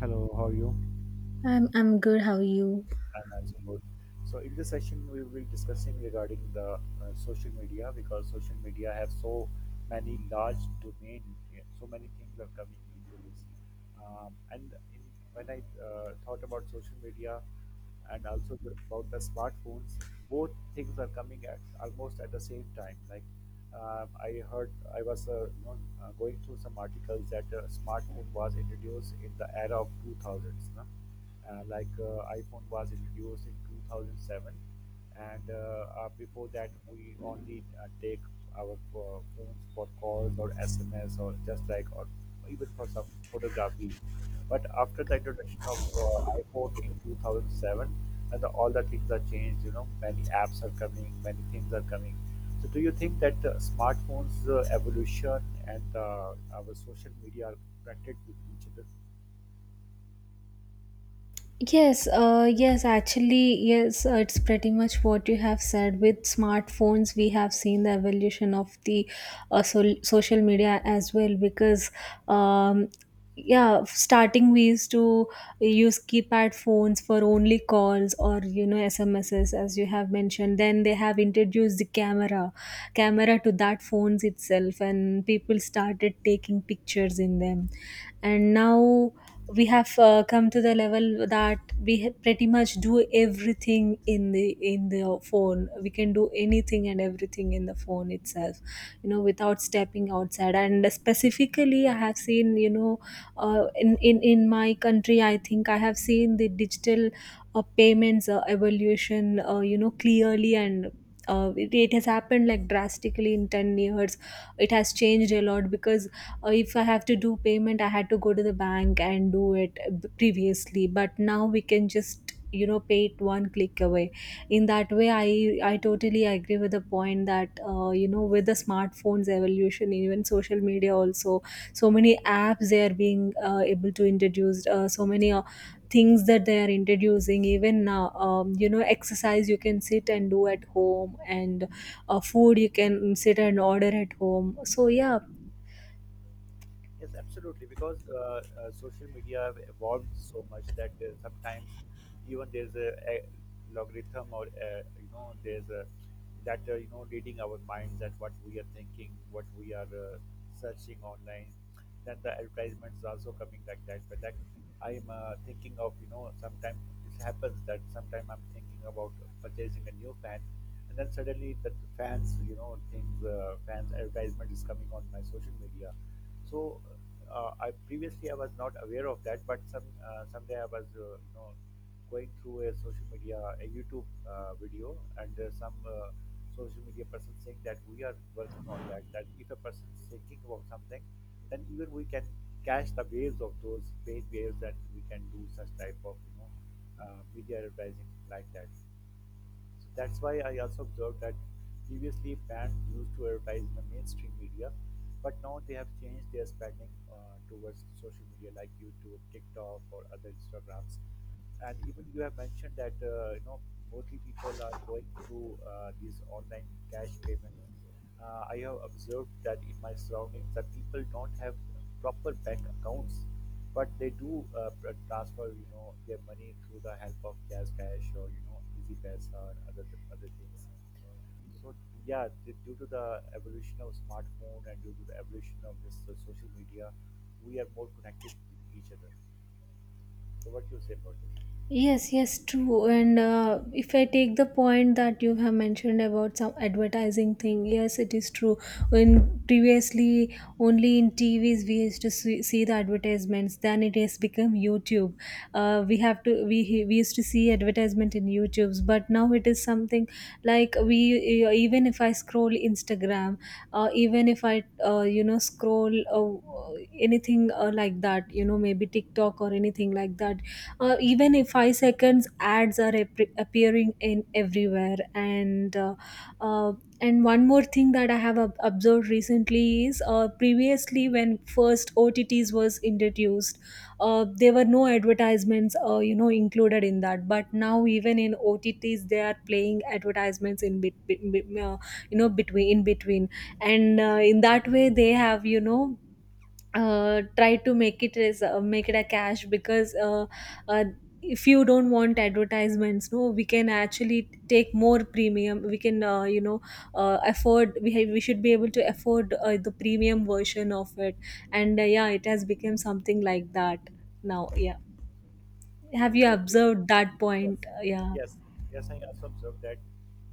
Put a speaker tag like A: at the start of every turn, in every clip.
A: Hello, how are you?
B: I'm good. How are you?
A: I'm also good. So in this session, we will discussing regarding the social media because social media have so many large domain, yeah, so many things are coming into this. And when I thought about social media and also about the smartphones, both things are coming at almost at the same time. Like I heard, I was going through some articles that smartphone was introduced in the era of 2000s. No? Like iPhone was introduced in 2007, and before that we only take our phones for calls or sms or just like or even for some photography, but after the introduction of iphone in 2007, and all the things are changed. Many apps are coming, many things are coming. So do you think that smartphones evolution and our social media are connected with each other?
B: Yes, yes, actually, yes, it's pretty much what you have said. With smartphones, we have seen the evolution of the social media as well because, um, yeah, starting we used to use keypad phones for only calls or you know SMSs, as you have mentioned. Then they have introduced the camera to that phones itself, and people started taking pictures in them, and now we have come to the level that pretty much do everything in the phone. We can do anything and everything in the phone itself, you know, without stepping outside. And specifically, I have seen, you know, in my country, I think I have seen the digital payments evolution, you know, clearly. And it has happened like drastically in 10 years. It has changed a lot because if I have to do payment, I had to go to the bank and do it previously, but now we can just, you know, pay it one click away. In that way, I totally agree with the point that, you know, with the smartphones evolution, even social media also. So many apps, they are being able to introduce so many things that they are introducing even now. You know, exercise you can sit and do at home, and food you can sit and order at home, so yeah.
A: Yes, absolutely. Because social media have evolved so much that sometimes even there's a logarithm, or there's a that reading our minds, that what we are thinking, what we are searching online. Then the advertisements are also coming like that. But like I'm thinking of, sometimes it happens that sometimes I'm thinking about purchasing a new fan, and then suddenly the fans you know things fans advertisement is coming on my social media. So I was not aware of that, but someday I was going through a social media a YouTube video, and some social media person saying that we are working on that. That if a person is thinking about something, then even we can catch the waves of those paid waves, and we can do such type of media advertising like that. So that's why I also observed that previously brands used to advertise in the mainstream media, but now they have changed their spending towards social media like YouTube, TikTok, or other Instagrams. And even you have mentioned that mostly people are going through these online cash payments. I have observed that in my surroundings that people don't have proper bank accounts, but they do transfer, their money through the help of Jazz Cash or Easy Paisa or other things. So yeah, due to the evolution of smartphone and due to the evolution of this social media, we are more connected with each other. So what do you say about this?
B: Yes, yes, true. And if I take the point that you have mentioned about some advertising thing, yes, it is true. When previously only in TVs we used to see, see the advertisements, then it has become YouTube. We we used to see advertisement in YouTube's, but now it is something like we even if I scroll Instagram, even if I, you know, scroll anything like that, you know, maybe TikTok or anything like that, even if 5 seconds ads are appearing in everywhere. And uh, uh, and one more thing that I have observed recently is, previously when first otts was introduced, there were no advertisements, you know, included in that, but now even in otts they are playing advertisements in you know, between, in between. And in that way, they have, you know, try to make it as, make it a cash because, uh, if you don't want advertisements, no, we can actually take more premium. We can, you know, afford, we should be able to afford the premium version of it. And yeah, it has become something like that now, yeah. Have you
A: Absolutely.
B: observed that point?
A: Yes,
B: Yeah.
A: yes, yes. I also observed that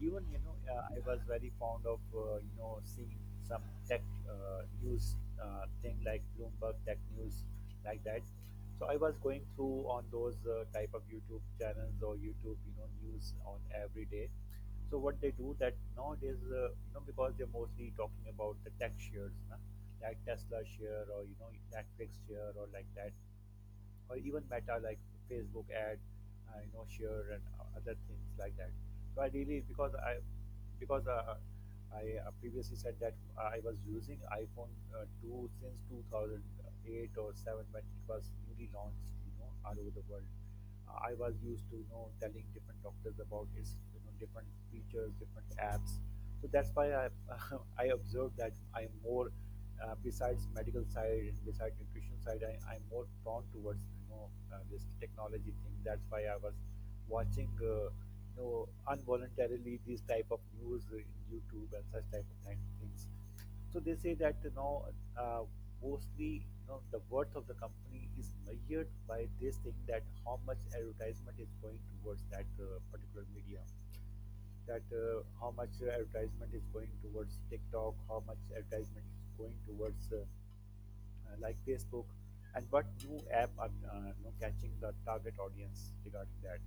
A: even I was very fond of seeing some tech news thing like Bloomberg Tech News, like that. So I was going through on those type of YouTube channels or YouTube news on every day. So what they do that nowadays because they're mostly talking about the tech shares, na? Like Tesla share or Netflix share or like that, or even meta, like facebook ad share and other things like that. So ideally, because I previously said that I was using iphone 2 since 2008 or 7, when it was newly launched, all over the world. I was used to telling different doctors about its different features, different apps. So that's why I I observed that I'm more besides medical side and besides nutrition side, I'm more prone towards this technology thing. That's why I was watching involuntarily these type of news in YouTube and such type of kind of things. So they say that uh, mostly the worth of the company is measured by this thing, that how much advertisement is going towards that particular medium, that how much advertisement is going towards TikTok, how much advertisement is going towards like Facebook, and what new app are catching the target audience regarding that.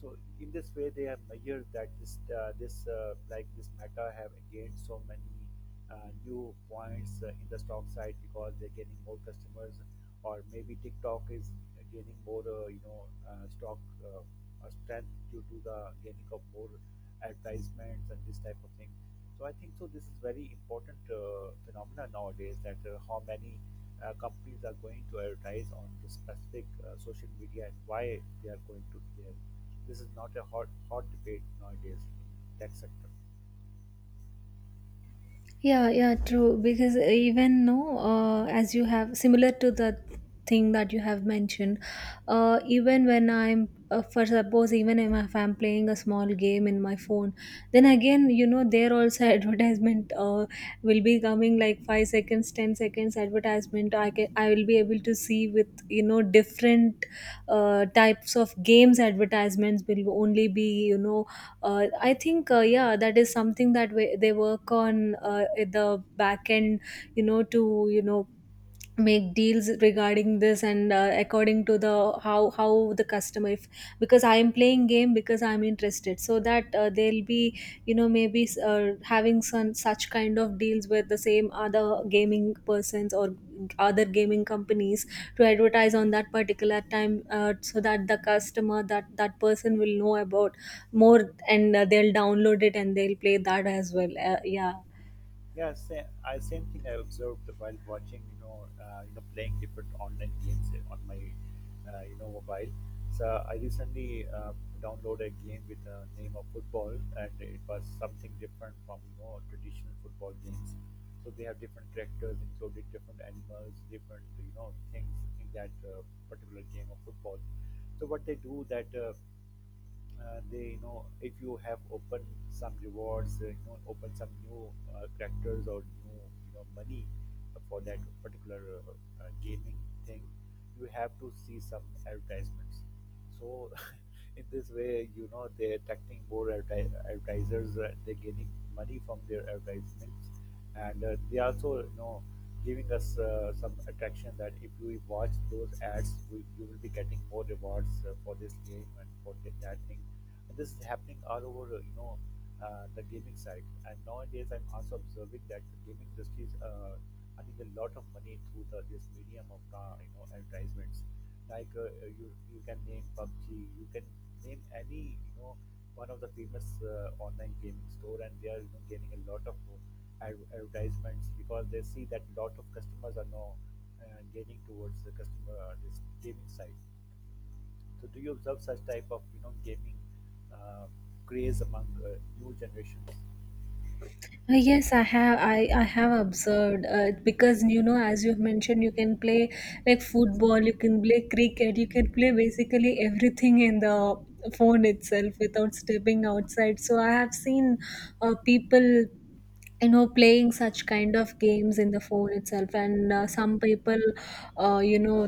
A: So in this way, they have measured that this this Meta have gained so many new points in the stock side because they're getting more customers, or maybe TikTok is gaining more stock uh, strength due to the gaining of more advertisements and this type of thing. So I think so. This is very important phenomenon nowadays, that how many companies are going to advertise on the specific social media and why they are going to there. This is not a hot hot debate nowadays in tech sector.
B: Yeah, yeah, true. Because even no, as you have, similar to the thing that you have mentioned, even when I'm, for suppose, even if I'm playing a small game in my phone, then again, you know, there also advertisement will be coming like 5 seconds, 10 seconds advertisement. I will be able to see with, you know, different types of games advertisements will only be, you know, I think yeah, that is something that they work on at the back end, you know, to, you know, make deals regarding this. And according to the how the customer, if because I am playing game because I'm interested, so that they'll be, you know, maybe having some such kind of deals with the same other gaming persons or other gaming companies to advertise on that particular time, so that the customer, that person will know about more, and they'll download it and they'll play that as well, yeah.
A: Yeah, same, same thing I observed while watching, playing different online games on my, mobile. So I recently downloaded a game with the name of football, and it was something different from traditional football games. So they have different characters, including different animals, different things in that particular game of football. So what they do that they if you have opened some rewards open some new characters or new money for that particular gaming thing, you have to see some advertisements. So in this way they're attracting more advertisers. They're gaining money from their advertisements, and they also giving us some attraction that if we watch those ads, you will be getting more rewards for this game and for that thing. And this is happening all over the gaming side. And nowadays I'm also observing that the gaming industry is earning a lot of money through the this medium of advertisements. Like you can name pubg, you can name any one of the famous online gaming store, and they are, gaining a lot of advertisements because they see that lot of customers are now gaining towards the customer this gaming side. So do you observe such type of gaming uh, craze among new generations?
B: Yes, I have. I have observed, because you know, as you've mentioned, you can play like football, you can play cricket, you can play basically everything in the phone itself without stepping outside. So I have seen people, you know, playing such kind of games in the phone itself. And some people, you know,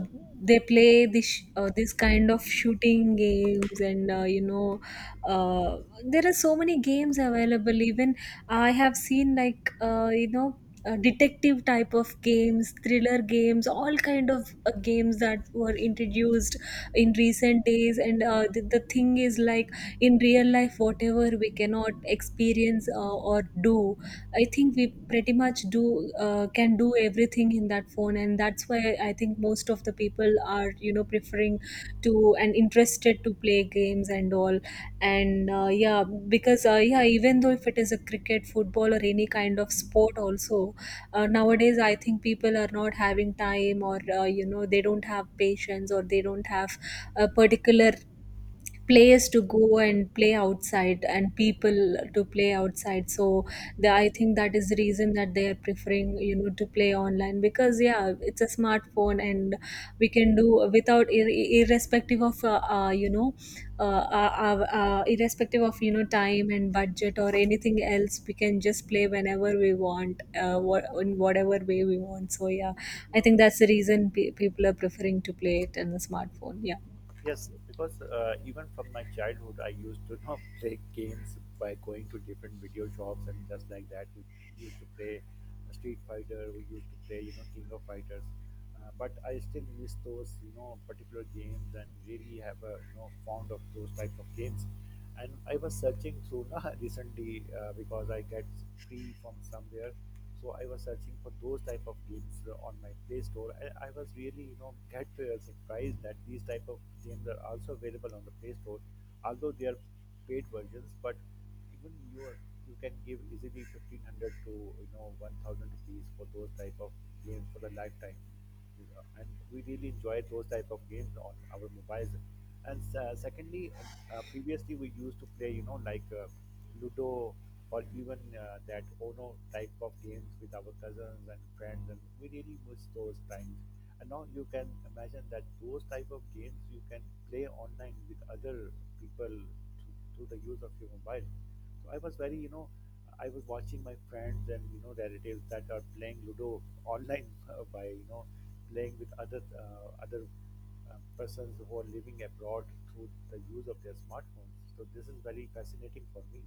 B: they play this kind of shooting games. And you know, uh, there are so many games available. Even I have seen like, you know, detective type of games, thriller games, all kind of games that were introduced in recent days. And the thing is like, in real life whatever we cannot experience, or do, I think we pretty much do can do everything in that phone. And that's why I think most of the people are, you know, preferring to and interested to play games and all. And yeah, because yeah, even though if it is a cricket, football, or any kind of sport also, nowadays I think people are not having time, or, you know, they don't have patience, or they don't have a particular place to go and play outside and people to play outside. So I think that is the reason that they are preferring, you know, to play online because yeah, it's a smartphone, and we can do without irrespective of, you know, uh, uh, irrespective of, you know, time and budget or anything else. We can just play whenever we want, in whatever way we want, so yeah,
A: You
B: I
A: know,
B: think that's the reason people are preferring to play it in the smartphone, yeah.
A: yes, because even from my childhood, I used to you know play games by going to different video shops and just like that. We used to play Street Fighter. We used to play King of Fighters. But I still miss those, particular games, and really have a fond of those type of games. And I was searching through na recently because I get free from somewhere. So I was searching for those type of games on my play store. I was really get surprised that these type of games are also available on the play store, although they are paid versions. But even you can give easily 1500 to 1000 rupees for those type of games for the lifetime, and we really enjoy those type of games on our mobiles. And secondly, previously we used to play like ludo, or even that ono type of games with our cousins and friends, and we really miss those times. And now you can imagine that those type of games you can play online with other people through, through the use of your mobile. So I was watching my friends and relatives that are playing Ludo online by playing with other persons who are living abroad through the use of their smartphones. So this is very fascinating for me.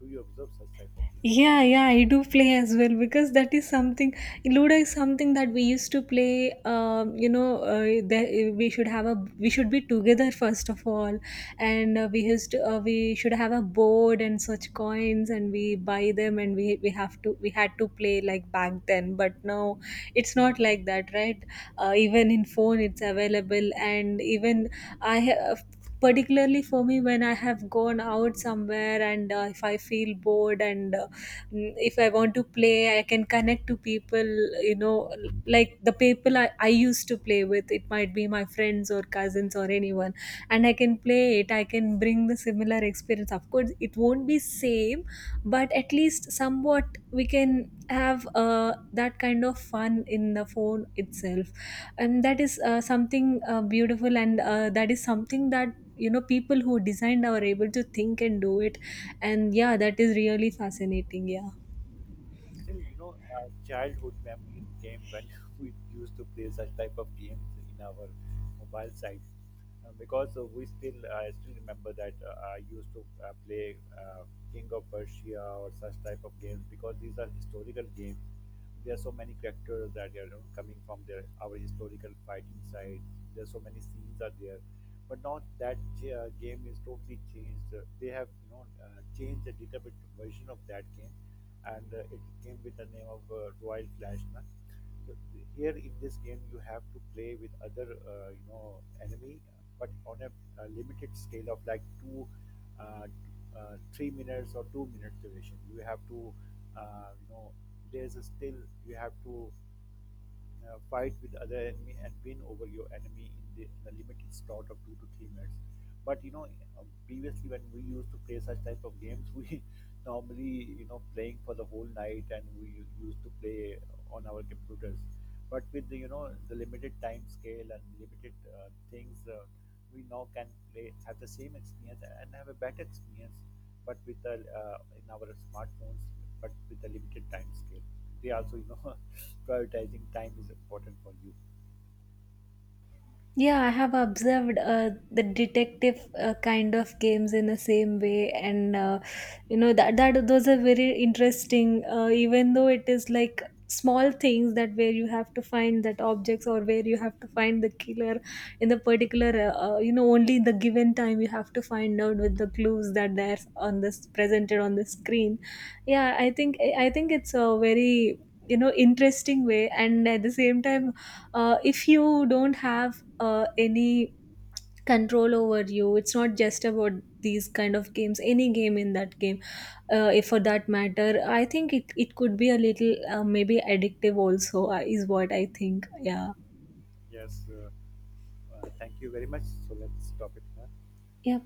A: Do you observe such type of games?
B: Yeah, yeah, I do play as well, because that is something. Ludo is something that we used to play. You know, there, we should be together first of all, and we should have a board and such coins, and we buy them, and we had to play like back then. But now it's not like that, right? Even in phone, it's available. And even I have, particularly for me, when I have gone out somewhere, and if I feel bored, and if I want to play, I can connect to people, you know, like the people I used to play with. It might be my friends or cousins or anyone, and I can play it. I can bring the similar experience. Of course, it won't be same, but at least somewhat we can have that kind of fun in the phone itself. And that is something beautiful. And that is something that, you know, people who designed are able to think and do it. And yeah, that is really fascinating, yeah.
A: Still, you know, childhood memories came when we used to play such type of games in our mobile sites. Because I still remember that I used to play King of Persia or such type of games, because these are historical games. There are so many characters that are, you know, coming from their our historical fighting side. There are so many scenes are there, but now that game is totally changed. They have changed a little bit version of that game, and it came with the name of Royal Clashman. So here in this game, you have to play with other, you know, enemy, but on a limited scale of like two, uh, 3 minutes, or 2 minute duration. You have to, uh, you know, there's a still you have to fight with other enemy, and win over your enemy in the limited slot of 2 to 3 minutes. But previously when we used to play such type of games, we normally playing for the whole night, and we used to play on our computers. But with the you know the limited time scale and limited things, we now can play have the same experience and have a better experience, but with the in our smartphones, but with a limited time scale. They also, you know, prioritizing time is important for you.
B: Yeah, I have observed the detective kind of games in the same way. And you know that those are very interesting. Even though it is like small things that where you have to find that objects, or where you have to find the killer in the particular, you know, only in the given time you have to find out with the clues that there's on this presented on the screen. Yeah, I think, I think it's a very, you know, interesting way. And at the same time, if you don't have any control over you, it's not just about these kind of games, any game in that game, if for that matter, I think it could be a little, maybe addictive also, is what I think, yeah.
A: Yes, thank you very much. So let's stop it here.
B: Yep.